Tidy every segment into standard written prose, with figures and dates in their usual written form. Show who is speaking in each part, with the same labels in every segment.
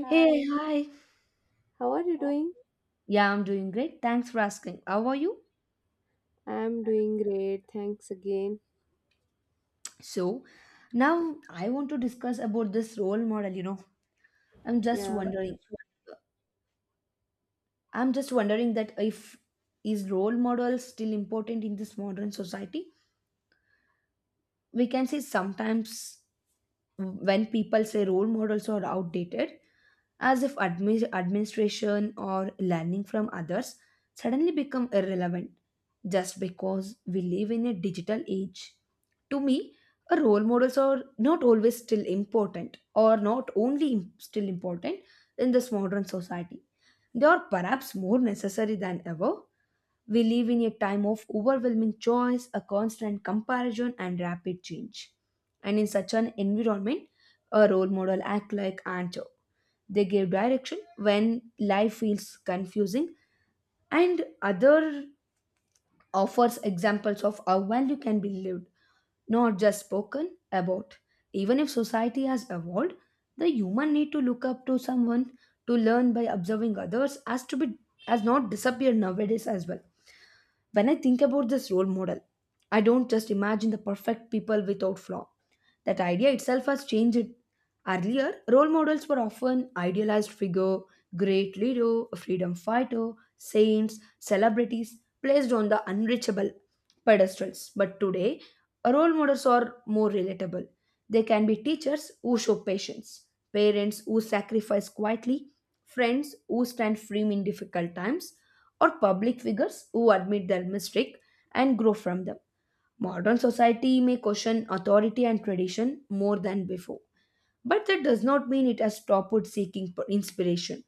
Speaker 1: Hi. Hey, hi.
Speaker 2: how are you
Speaker 1: Oh,
Speaker 2: doing?
Speaker 1: yeah, I'm doing great. Thanks for asking. How are you?
Speaker 2: I'm doing great. Thanks again.
Speaker 1: So, Now I want to discuss about this role model, you know. I'm just
Speaker 2: Yeah.
Speaker 1: wondering. I'm just wondering that if is role model still important in this modern society? We can say sometimes when people say role models are outdated, as if administration or learning from others suddenly become irrelevant just because we live in a digital age. To me, a role models are not always still important or not only still important in this modern society. They are perhaps more necessary than ever. We live in a time of overwhelming choice, a constant comparison, and rapid change. And in such an environment, a role model act like anchor. They give direction when life feels confusing, and other offers examples of how value can be lived, not just spoken about. Even if society has evolved, the human need to look up to someone to learn by observing others has to be has not disappeared nowadays as well. When I think about this role model, I don't just imagine the perfect people without flaw. That idea itself has changed. Earlier, role models were often idealized figure, great leader, freedom fighter, saints, celebrities placed on the unreachable pedestals. But today, role models are more relatable. They can be teachers who show patience, parents who sacrifice quietly, friends who stand firm in difficult times, or public figures who admit their mistake and grow from them. Modern society may question authority and tradition more than before. But that does not mean it has stopped seeking inspiration.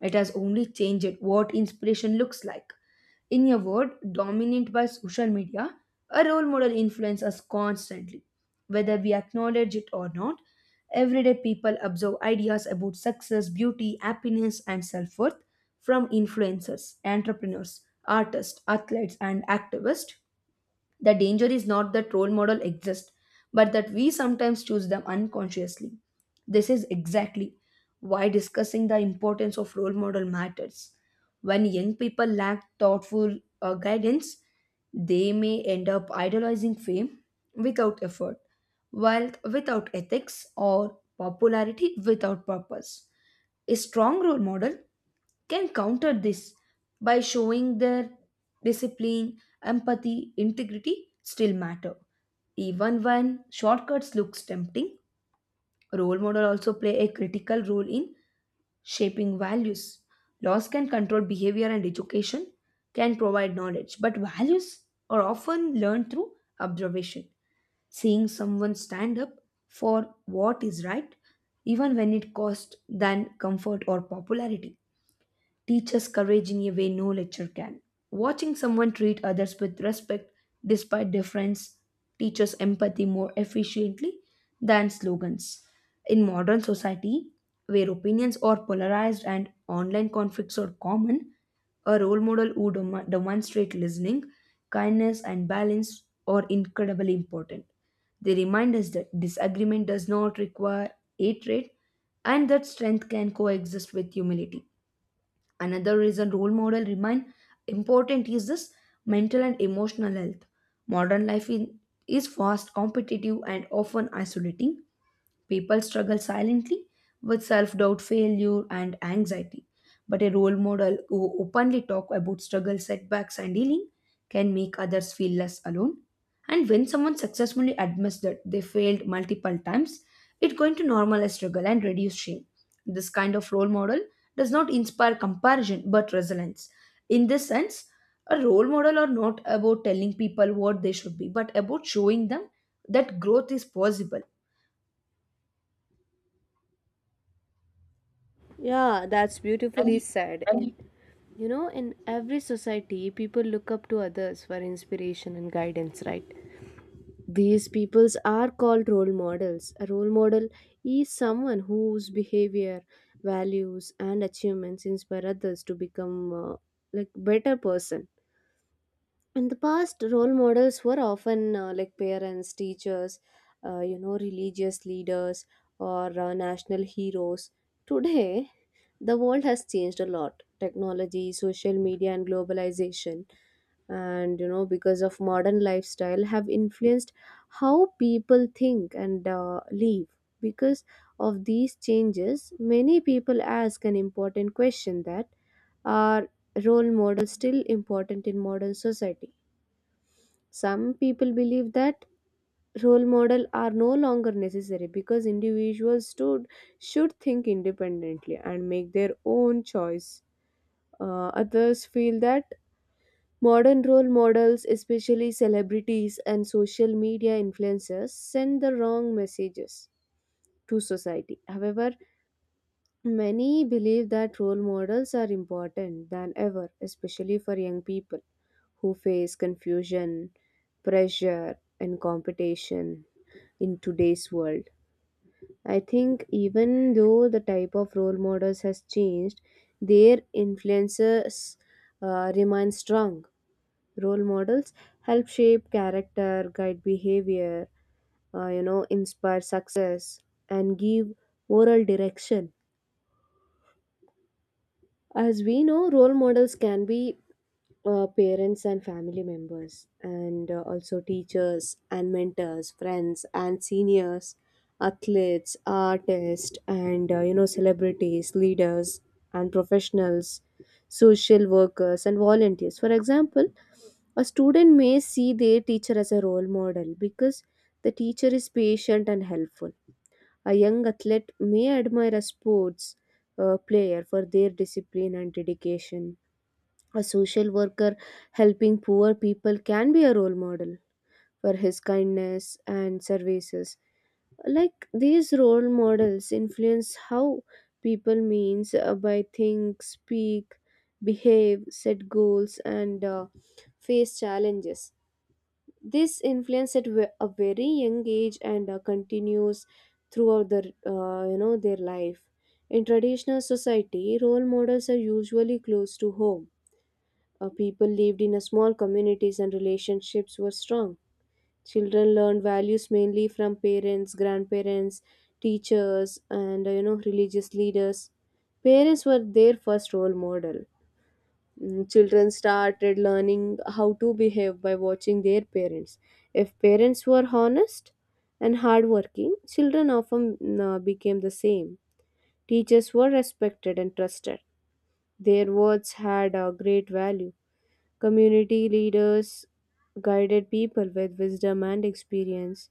Speaker 1: It has only changed what inspiration looks like. In a world dominant by social media, a role model influences us constantly. Whether we acknowledge it or not, everyday people absorb ideas about success, beauty, happiness, and self worth from influencers, entrepreneurs, artists, athletes, and activists. The danger is not that role models exist, but that we sometimes choose them unconsciously. This is exactly why discussing the importance of role model matters. When young people lack thoughtful guidance, they may end up idolizing fame without effort, wealth without ethics, or popularity without purpose. A strong role model can counter this by showing their discipline, empathy, integrity still matter. Even when shortcuts looks tempting, role model also play a critical role in shaping values. Laws can control behavior and education can provide knowledge, but values are often learned through observation. Seeing someone stand up for what is right, even when it costs than comfort or popularity teaches courage in a way no lecture can. Watching someone treat others with respect despite difference teaches empathy more efficiently than slogans. In modern society, where opinions are polarized and online conflicts are common, a role model who demonstrates listening, kindness, and balance are incredibly important. They remind us that disagreement does not require hatred and that strength can coexist with humility. Another reason role model remain important is this mental and emotional health. Modern life in, is fast competitive and often isolating. People struggle silently with self doubt, failure, and anxiety. But a role model who openly talks about struggle, setbacks, and healing can make others feel less alone. And when someone successfully admits that they failed multiple times, it's going to normalize struggle and reduce shame. This kind of role model does not inspire comparison but resilience. In this sense, a role model are not about telling people what they should be, but about showing them that growth is possible.
Speaker 2: Yeah, that's beautifully
Speaker 1: And
Speaker 2: said. And you know, in every society, people look up to others for inspiration and guidance, right? These peoples are called role models. A role model is someone whose behavior, values, and achievements inspire others to become like better person in the past role models were often like parents teachers you know religious leaders or national heroes today the world has changed a lot technology social media and globalization and you know because of modern lifestyle have influenced how people think and live because of these changes many people ask an important question that are role models still important in modern society. Some people believe that role model are no longer necessary because individuals should think independently and make their own choice. Others feel that modern role models, especially celebrities and social media influencers, send the wrong messages to society. However, many believe that role models are important than ever, especially for young people who face confusion, pressure, and competition in today's world. I think even though the type of role models has changed, their influences remain strong. Role models help shape character, guide behavior, you know, inspire success, and give moral direction. As we know, role models can be parents and family members, and also teachers and mentors, friends and seniors, athletes, artists, and you know, celebrities, leaders, and professionals, social workers, and volunteers. For example, a student may see their teacher as a role model because the teacher is patient and helpful. A young athlete may admire a sports player for their discipline and dedication. A social worker helping poor people can be a role model for his kindness and services. Like these role models influence how people means by think, speak, behave, set goals, and face challenges. This influence at a very young age and continues throughout their you know their life. In traditional society, role models are usually close to home. People lived in a small communities and relationships were strong. Children learned values mainly from parents, grandparents, teachers, and you know religious leaders. Parents were their first role model. Children started learning how to behave by watching their parents. If parents were honest and hardworking, children often became the same. Teachers were respected and trusted. Their words had a great value. Community leaders guided people with wisdom and experience.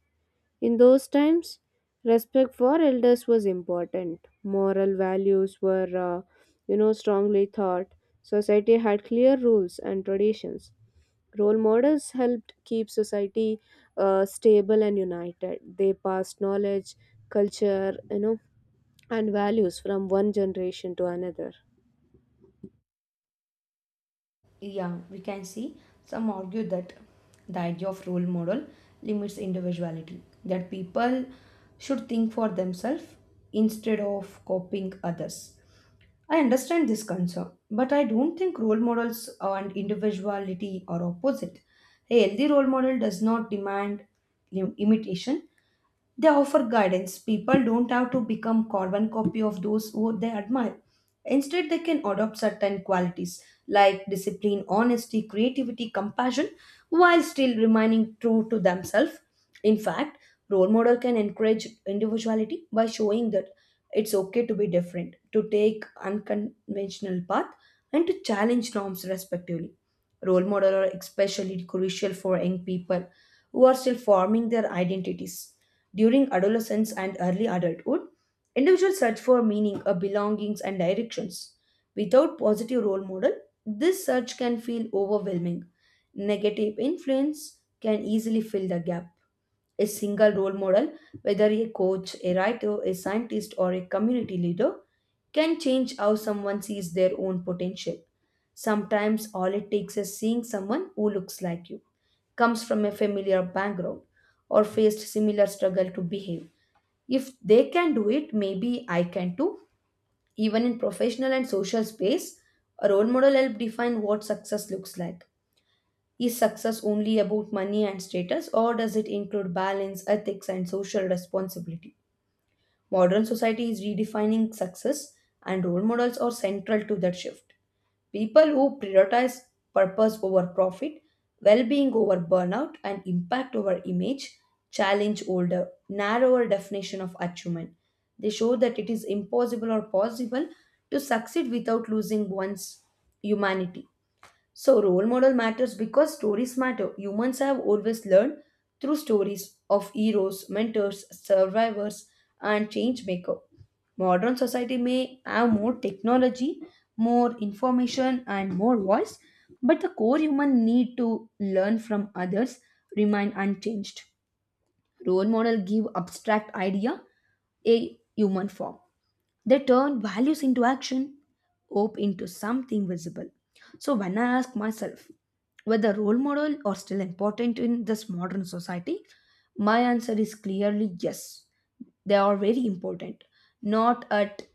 Speaker 2: In those times, respect for elders was important. Moral values were, you know, strongly taught. Society had clear rules and traditions. Role models helped keep society stable and united. They passed knowledge, culture, you know, and values from one generation to another.
Speaker 1: yeah, we can see some argue that the idea of role model limits individuality, that people should think for themselves instead of copying others. I understand this concern, but I don't think role models and individuality are opposite. A healthy role model does not demand imitation. They offer guidance. People don't have to become carbon copy of those who they admire. Instead, they can adopt certain qualities like discipline, honesty, creativity, compassion, while still remaining true to themselves. In fact, role model can encourage individuality by showing that it's okay to be different, to take unconventional path, and to challenge norms respectively. Role model are especially crucial for young people who are still forming their identities. During adolescence and early adulthood, individuals search for meaning, belongings, and directions. Without positive role model, this search can feel overwhelming. Negative influence can easily fill the gap. A single role model, whether a coach, a writer, a scientist, or a community leader, can change how someone sees their own potential. Sometimes all it takes is seeing someone who looks like you, comes from a familiar background, or faced similar struggle to behave. If they can do it, maybe I can too. Even in professional and social space, a role model helps define what success looks like. Is success only about money and status, or does it include balance, ethics, and social responsibility? Modern society is redefining success, and role models are central to that shift. People who prioritize purpose over profit, well being over burnout, and impact over image challenge older, narrower definition of achievement. They show that it is impossible or possible to succeed without losing one's humanity. So, role model matters because stories matter. Humans have always learned through stories of heroes, mentors, survivors, and change maker. Modern society may have more technology, more information, and more voice, but the core human need to learn from others remain unchanged. Role model give abstract idea a human form. They turn values into action, hope into something visible. So when I ask myself whether role model are still important in this modern society, my answer is clearly yes. They are very important, not at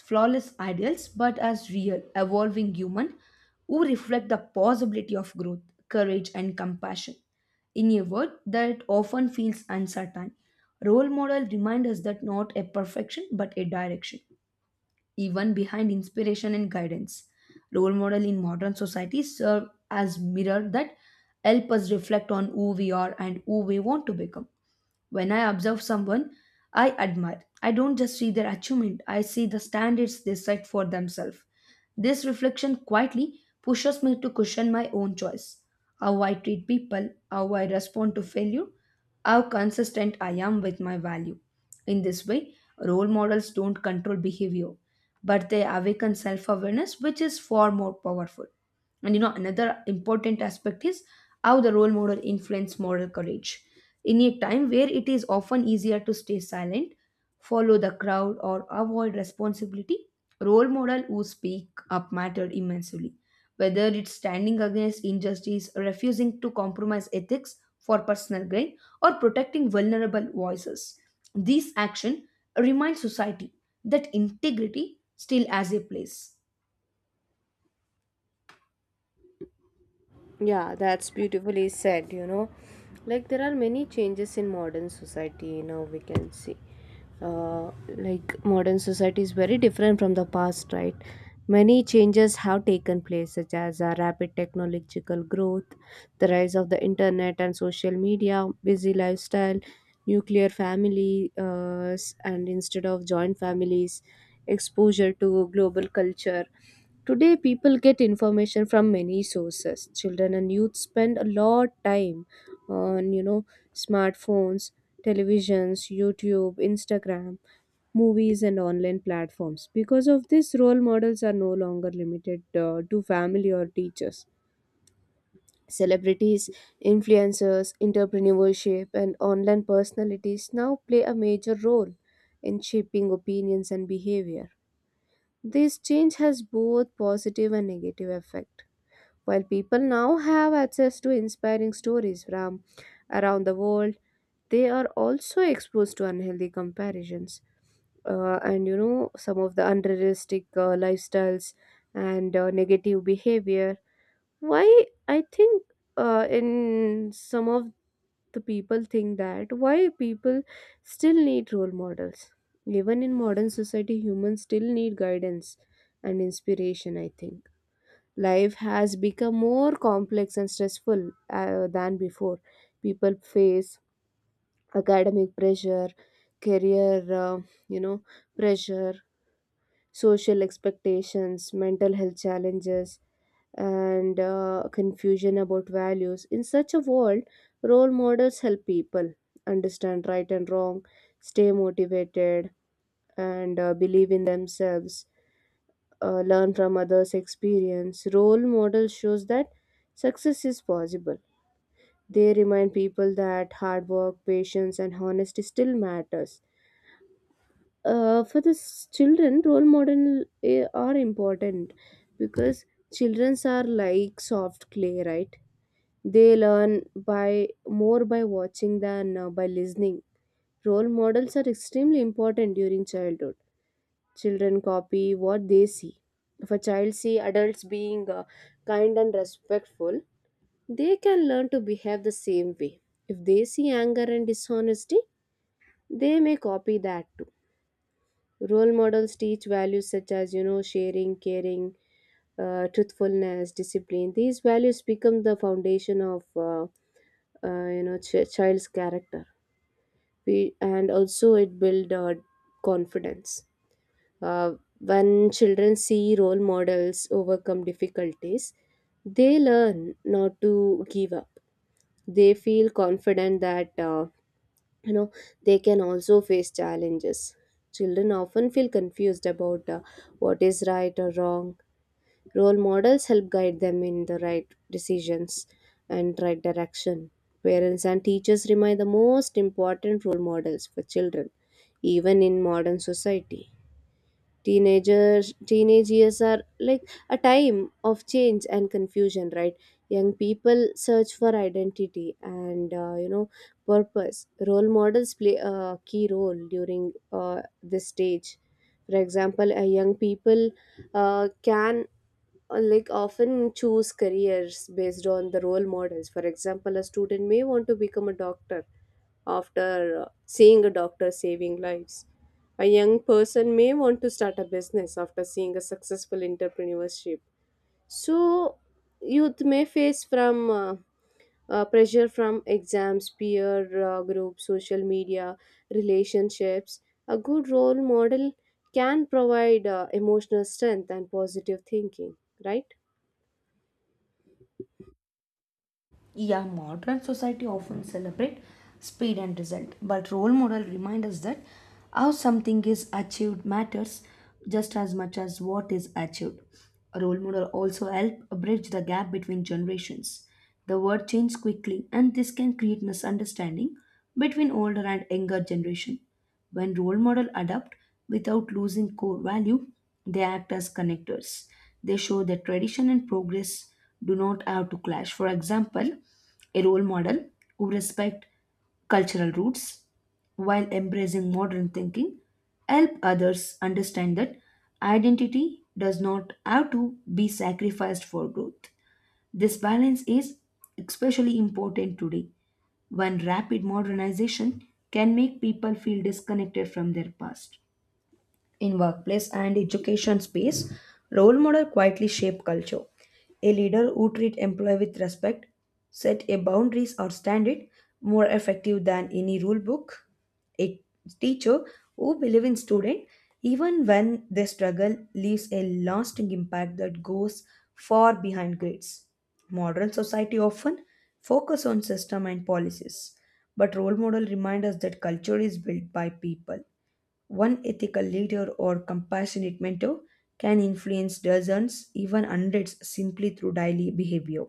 Speaker 1: flawless ideals, but as real, evolving human who reflect the possibility of growth, courage, and compassion in a world that often feels uncertain. Role model remind us that not a perfection but a direction, even behind inspiration and guidance. Role model in modern society serve as mirror that help us reflect on who we are and who we want to become. When I observe someone I admire, I don't just see their achievement, I see the standards they set for themselves. This reflection quietly pushes me to question my own choice. How I treat people, how I respond to failure, how consistent I am with my value. In this way, role models don't control behavior, but they awaken self awareness, which is far more powerful. And you know, another important aspect is how the role model influence moral courage in a time where it is often easier to stay silent, follow the crowd, or avoid responsibility. Role model who speak up matter immensely, whether it's standing against injustice, refusing to compromise ethics for personal gain, or protecting vulnerable voices. These action remind society that integrity still has a place.
Speaker 2: Yeah, that's beautifully said, you know. Like, there are many changes in modern society now, we can see. Uh, like, modern society is very different from the past, right? Many changes have taken place, such as a rapid technological growth, the rise of the internet and social media, busy lifestyle, nuclear families, and instead of joint families, exposure to global culture. Today, people get information from many sources. Children and youth spend a lot time on, you know, smartphones, televisions, YouTube, Instagram, movies, and online platforms. Because of this, role models are no longer limited to family or teachers. Celebrities, influencers, entrepreneurship, and online personalities now play a major role in shaping opinions and behavior. This change has both positive and negative effect. While people now have access to inspiring stories from around the world, they are also exposed to unhealthy comparisons and you know some of the unrealistic lifestyles and negative behavior. Why I think in some of the people think that why people still need role models. Even in modern society, humans still need guidance and inspiration, I think. Life has become more complex and stressful than before. People face academic pressure, career, you know, pressure, social expectations, mental health challenges, and confusion about values. In such a world, role models help people understand right and wrong, stay motivated, and believe in themselves, learn from others' experience. Role model shows that success is possible. They remind people that hard work, patience, and honesty still matters. For the children, role model are important because childrens are like soft clay, right? They learn by more by watching than by listening. Role models are extremely important during childhood. Children copy what they see. If a child see adults being kind and respectful, they can learn to behave the same way. If they see anger and dishonesty, they may copy that too. Role models teach values such as you know sharing, caring, truthfulness, discipline. These values become the foundation of you know child's character. We, and also it build confidence. Uh, when children see role models overcome difficulties, they learn not to give up. They feel confident that you know they can also face challenges. Children often feel confused about what is right or wrong. Role models help guide them in the right decisions and right direction. Parents and teachers remain the most important role models for children, even in modern society. Teenage years are like a time of change and confusion, right? Young people search for identity and you know purpose. Role models play a key role during this stage. For example, a young people can like often choose careers based on the role models. For example, a student may want to become a doctor after seeing a doctor saving lives. A young person may want to start a business after seeing a successful entrepreneurship. So, youth may face from pressure from exams, peer groups, social media, relationships. A good role model can provide emotional strength and positive thinking, right?
Speaker 1: Yeah, modern society often celebrate speed and result, but role model remind us that how something is achieved matters just as much as what is achieved. Role model also help bridge the gap between generations. The world changes quickly, and this can create misunderstanding between older and younger generation. When role models adapt without losing core value, they act as connectors. They show that tradition and progress do not have to clash. For example, a role model who respect cultural roots while embracing modern thinking help others understand that identity does not have to be sacrificed for growth. This balance is especially important today when rapid modernization can make people feel disconnected from their past. In workplace and education space, role model quietly shape culture. A leader who treat employee with respect, set a boundaries or standard more effective than any rule book. A teacher who believe in student even when they struggle leaves a lasting impact that goes far behind grades. Modern society often focus on system and policies, but role model remind us that culture is built by people. One ethical leader or compassionate mentor can influence dozens, even hundreds, simply through daily behavior.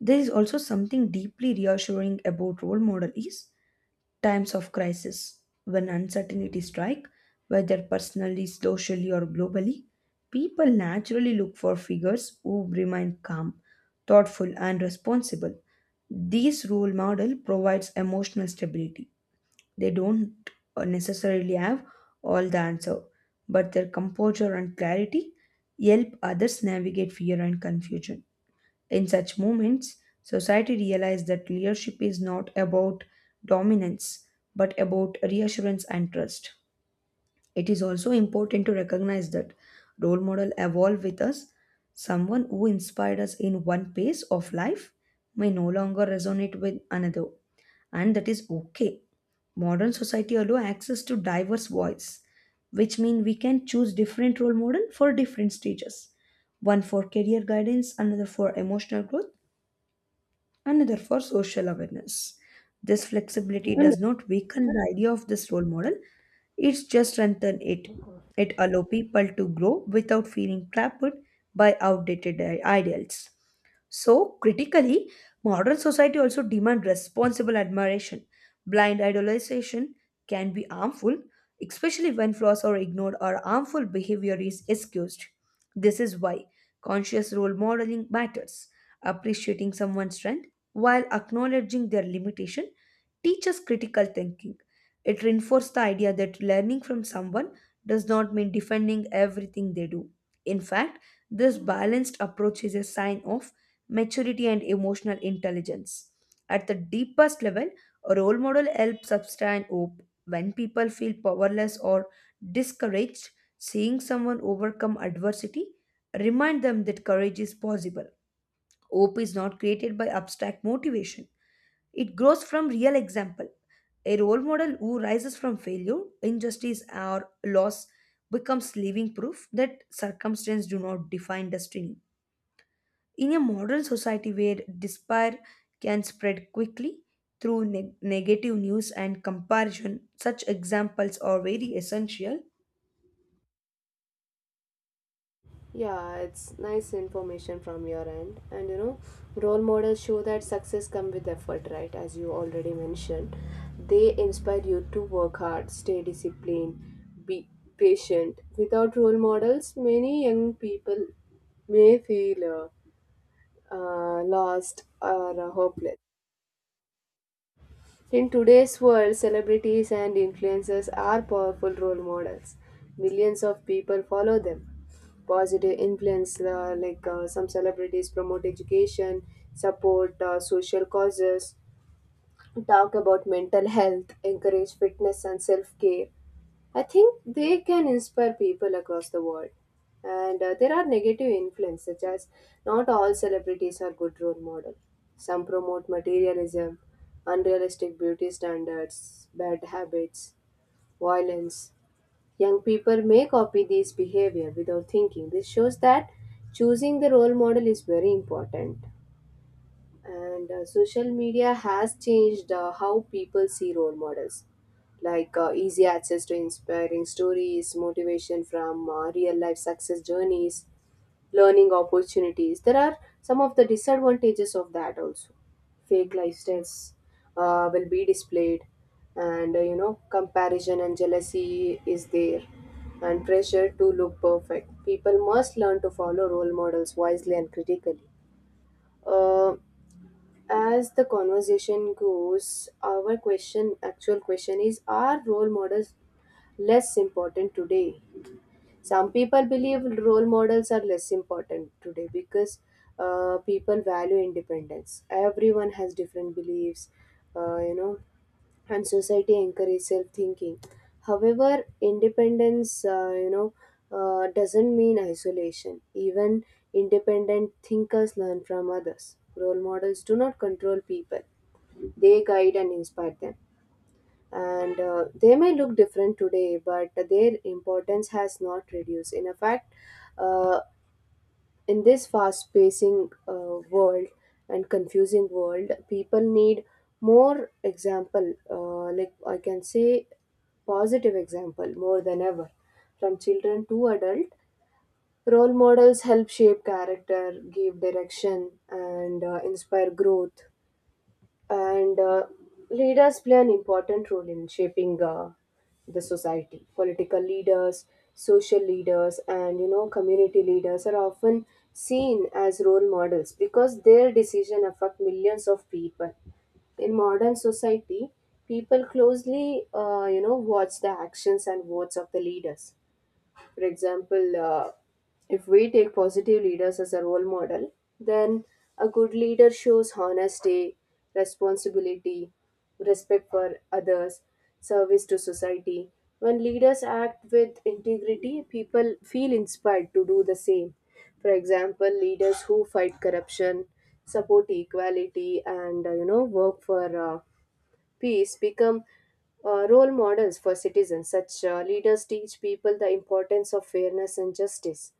Speaker 1: There is also something deeply reassuring about role model is times of crisis, when uncertainty strike, whether personally, socially, or globally, people naturally look for figures who remain calm, thoughtful, and responsible. This role model provides emotional stability. They don't necessarily have all the answer, but their composure and clarity help others navigate fear and confusion. In such moments, society realizes that leadership is not about dominance but about reassurance and trust. It is also important to recognize that role model evolve with us. Someone who inspired us in one phase of life may no longer resonate with another, and that is okay. Modern society allows access to diverse voice, which means we can choose different role model for different stages, one for career guidance, another for emotional growth, another for social awareness. This flexibility does not weaken the idea of this role model, it's just strengthen it. It allows people to grow without feeling trapped by outdated ideals. So, critically, modern society also demands responsible admiration. Blind idolization can be harmful, especially when flaws are ignored or harmful behavior is excused. This is why conscious role modeling matters. Appreciating someone's strength while acknowledging their limitation teaches critical thinking. It reinforces the idea that learning from someone does not mean defending everything they do. In fact, this balanced approach is a sign of maturity and emotional intelligence. At the deepest level, a role model helps sustain hope. When people feel powerless or discouraged, seeing someone overcome adversity remind them that courage is possible. Hope is not created by abstract motivation. It grows from real example. A role model who rises from failure, injustice, or loss becomes living proof that circumstances do not define destiny. In a modern society where despair can spread quickly through negative news and comparison, such examples are very essential.
Speaker 2: Yeah, it's nice information from your end. And you know, role models show that success comes with effort, right? As you already mentioned. They inspire you to work hard, stay disciplined, be patient. Without role models, many young people may feel lost or hopeless. In today's world, celebrities and influencers are powerful role models. Millions of people follow them. Positive influence, like some celebrities promote education, support social causes, talk about mental health, encourage fitness and self care. I think they can inspire people across the world. And there are negative influences, such as not all celebrities are good role model. Some promote materialism, unrealistic beauty standards, bad habits, violence. Young people may copy these behavior without thinking. This shows that choosing the role model is very important. And social media has changed how people see role models, like easy access to inspiring stories, motivation from real life success journeys, learning opportunities. There are some of the disadvantages of that also: fake lifestyles will be displayed, and you know comparison and jealousy is there, and pressure to look perfect. People must learn to follow role models wisely and critically. uh, as the conversation goes, our question, actual question is, are role models less important today? Some people believe role models are less important today because people value independence. Everyone has different beliefs, you know, and society encourages self thinking. However, independence, you know, doesn't mean isolation. Even independent thinkers learn from others. Role models do not control people, they guide and inspire them. And they may look different today, but their importance has not reduced. In fact, uh, in this fast pacing world and confusing world, people need more example, like I can say, positive example more than ever. From children to adult, role models help shape character, give direction, and inspire growth. And leaders play an important role in shaping the society. Political leaders, social leaders, and you know community leaders are often seen as role models because their decision affect millions of people. In modern society, people closely you know watch the actions and words of the leaders. For example, if we take positive leaders as a role model, then a good leader shows honesty, responsibility, respect for others, service to society. When leaders act with integrity, people feel inspired to do the same. For example, leaders who fight corruption, support equality, and you know work for peace become role models for citizens. Such leaders teach people the importance of fairness and justice.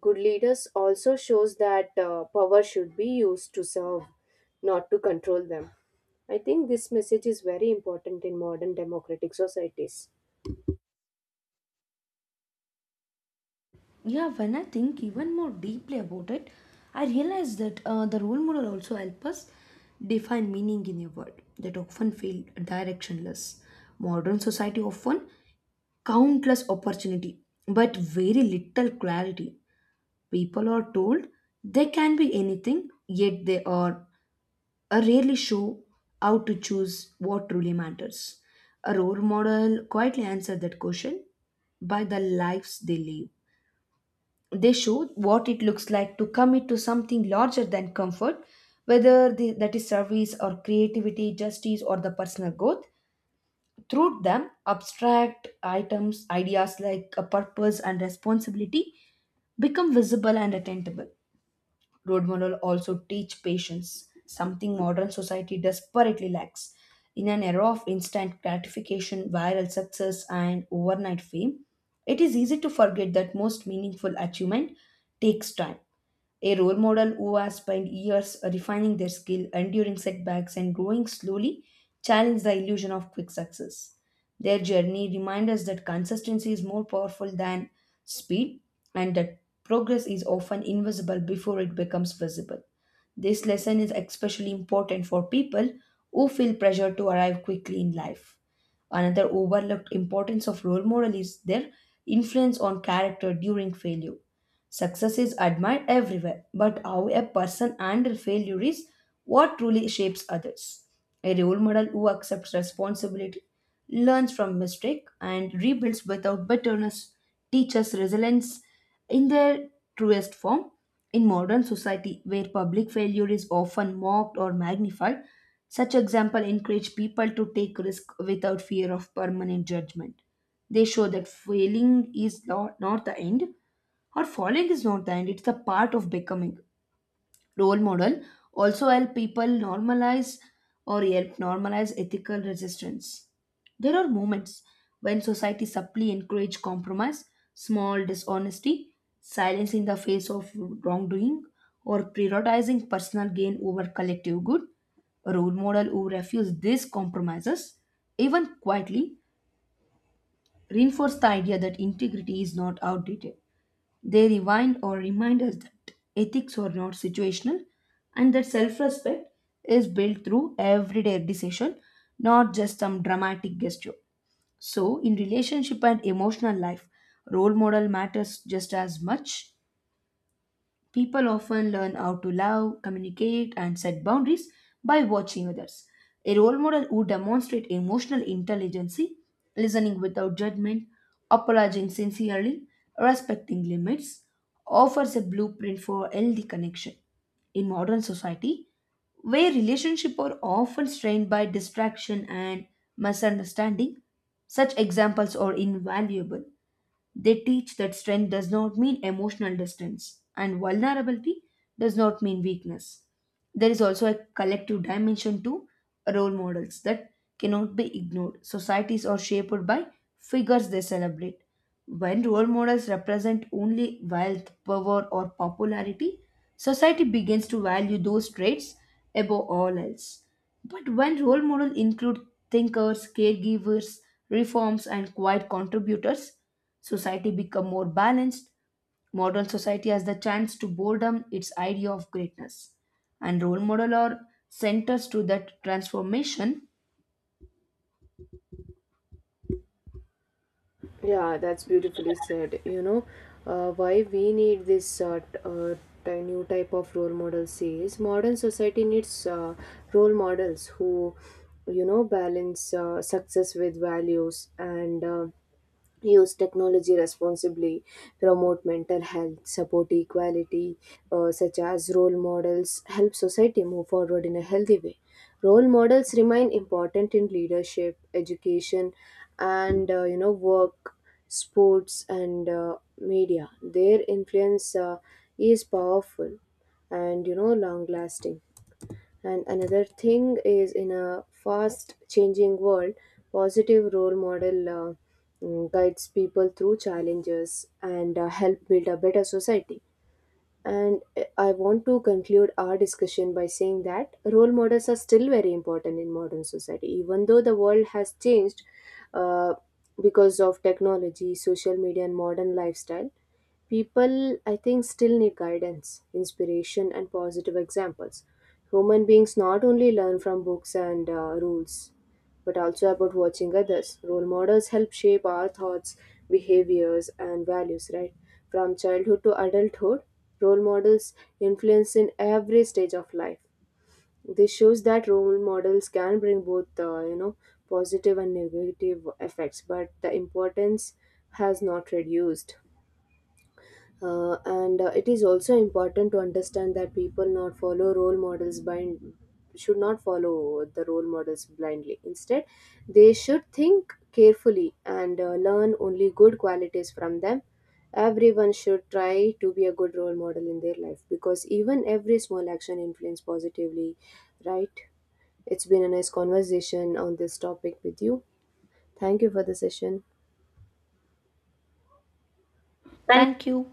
Speaker 2: Good leaders also shows that power should be used to serve, not to control them. I think this message is very important in modern democratic societies.
Speaker 1: Yeah, when I think even more deeply about it, I realize that the role model also helps us define meaning in a world that often feel directionless. Modern society often countless opportunity, but very little clarity. People are told they can be anything, yet they are rarely show how to choose what truly matters. A role model quietly answers that question by the lives they live. They show what it looks like to commit to something larger than comfort, whether that is service or creativity, justice, or the personal growth. Through them, abstract items, ideas like a purpose and responsibility become visible and attainable. Road model also teach patience, something modern society desperately lacks. In an era of instant gratification, viral success, and overnight fame, it is easy to forget that most meaningful achievement takes time. A role model who has spent years refining their skill, enduring setbacks, and growing slowly challenge the illusion of quick success. Their journey reminds us that consistency is more powerful than speed, and that progress is often invisible before it becomes visible. This lesson is especially important for people who feel pressure to arrive quickly in life. Another overlooked importance of role model is their influence on character during failure. Success is admired everywhere, but how a person handles failure is what truly shapes others. A role model who accepts responsibility, learns from mistake, and rebuilds without bitterness teaches resilience in their truest form. In modern society, where public failure is often mocked or magnified, such example encourage people to take risk without fear of permanent judgment. They show that failing is not the end, or falling is not the end, it's the part of becoming. Role model also help people normalize or help normalize ethical resistance. There are moments when society subtly encourage compromise, small dishonesty, silence in the face of wrongdoing, or prioritizing personal gain over collective good. A role model who refuse these compromises, even quietly, reinforce the idea that integrity is not outdated. They rewind or remind us that ethics are not situational, and that self respect is built through everyday decision, not just some dramatic gesture. So, in relationship and emotional life, role model matters just as much. People often learn how to love, communicate, and set boundaries by watching others. A role model who demonstrates emotional intelligence, listening without judgment, apologizing sincerely, respecting limits, offers a blueprint for healthy connection. In modern society, where relationships are often strained by distraction and misunderstanding, such examples are invaluable. They teach that strength does not mean emotional distance, and vulnerability does not mean weakness. There is also a collective dimension to role models that cannot be ignored. Societies are shaped by figures they celebrate. When role models represent only wealth, power, or popularity, society begins to value those traits above all else. But when role models include thinkers, caregivers, reforms, and quiet contributors, society become more balanced. Modern society has the chance to boredom its idea of greatness. And role model are centers to that transformation.
Speaker 2: Yeah, that's beautifully said. You know, why we need this t- ty- new type of role models is modern society needs role models who, you know, balance success with values, and use technology responsibly, promote mental health, support equality. Such as role models, help society move forward in a healthy way. Role models remain important in leadership, education, and you know work, sports, and media. Their influence is powerful and you know long lasting. And another thing is, in a fast changing world, positive role model guides people through challenges and help build a better society. And I want to conclude our discussion by saying that role models are still very important in modern society, even though the world has changed uh, because of technology, social media, and modern lifestyle. People, I think, still need guidance, inspiration, and positive examples. Human beings not only learn from books and rules, but also about watching others. Role models help shape our thoughts, behaviors, and values, right? From childhood to adulthood, role models influence in every stage of life. This shows that role models can bring both, you know, positive and negative effects, but the importance has not reduced. And It is also important to understand that people not follow role models blind should not follow the role models blindly. Instead, they should think carefully and learn only good qualities from them. Everyone should try to be a good role model in their life because even every small action influence positively, right? It's been a nice conversation on this topic with you. Thank you for the session.
Speaker 1: Thank you.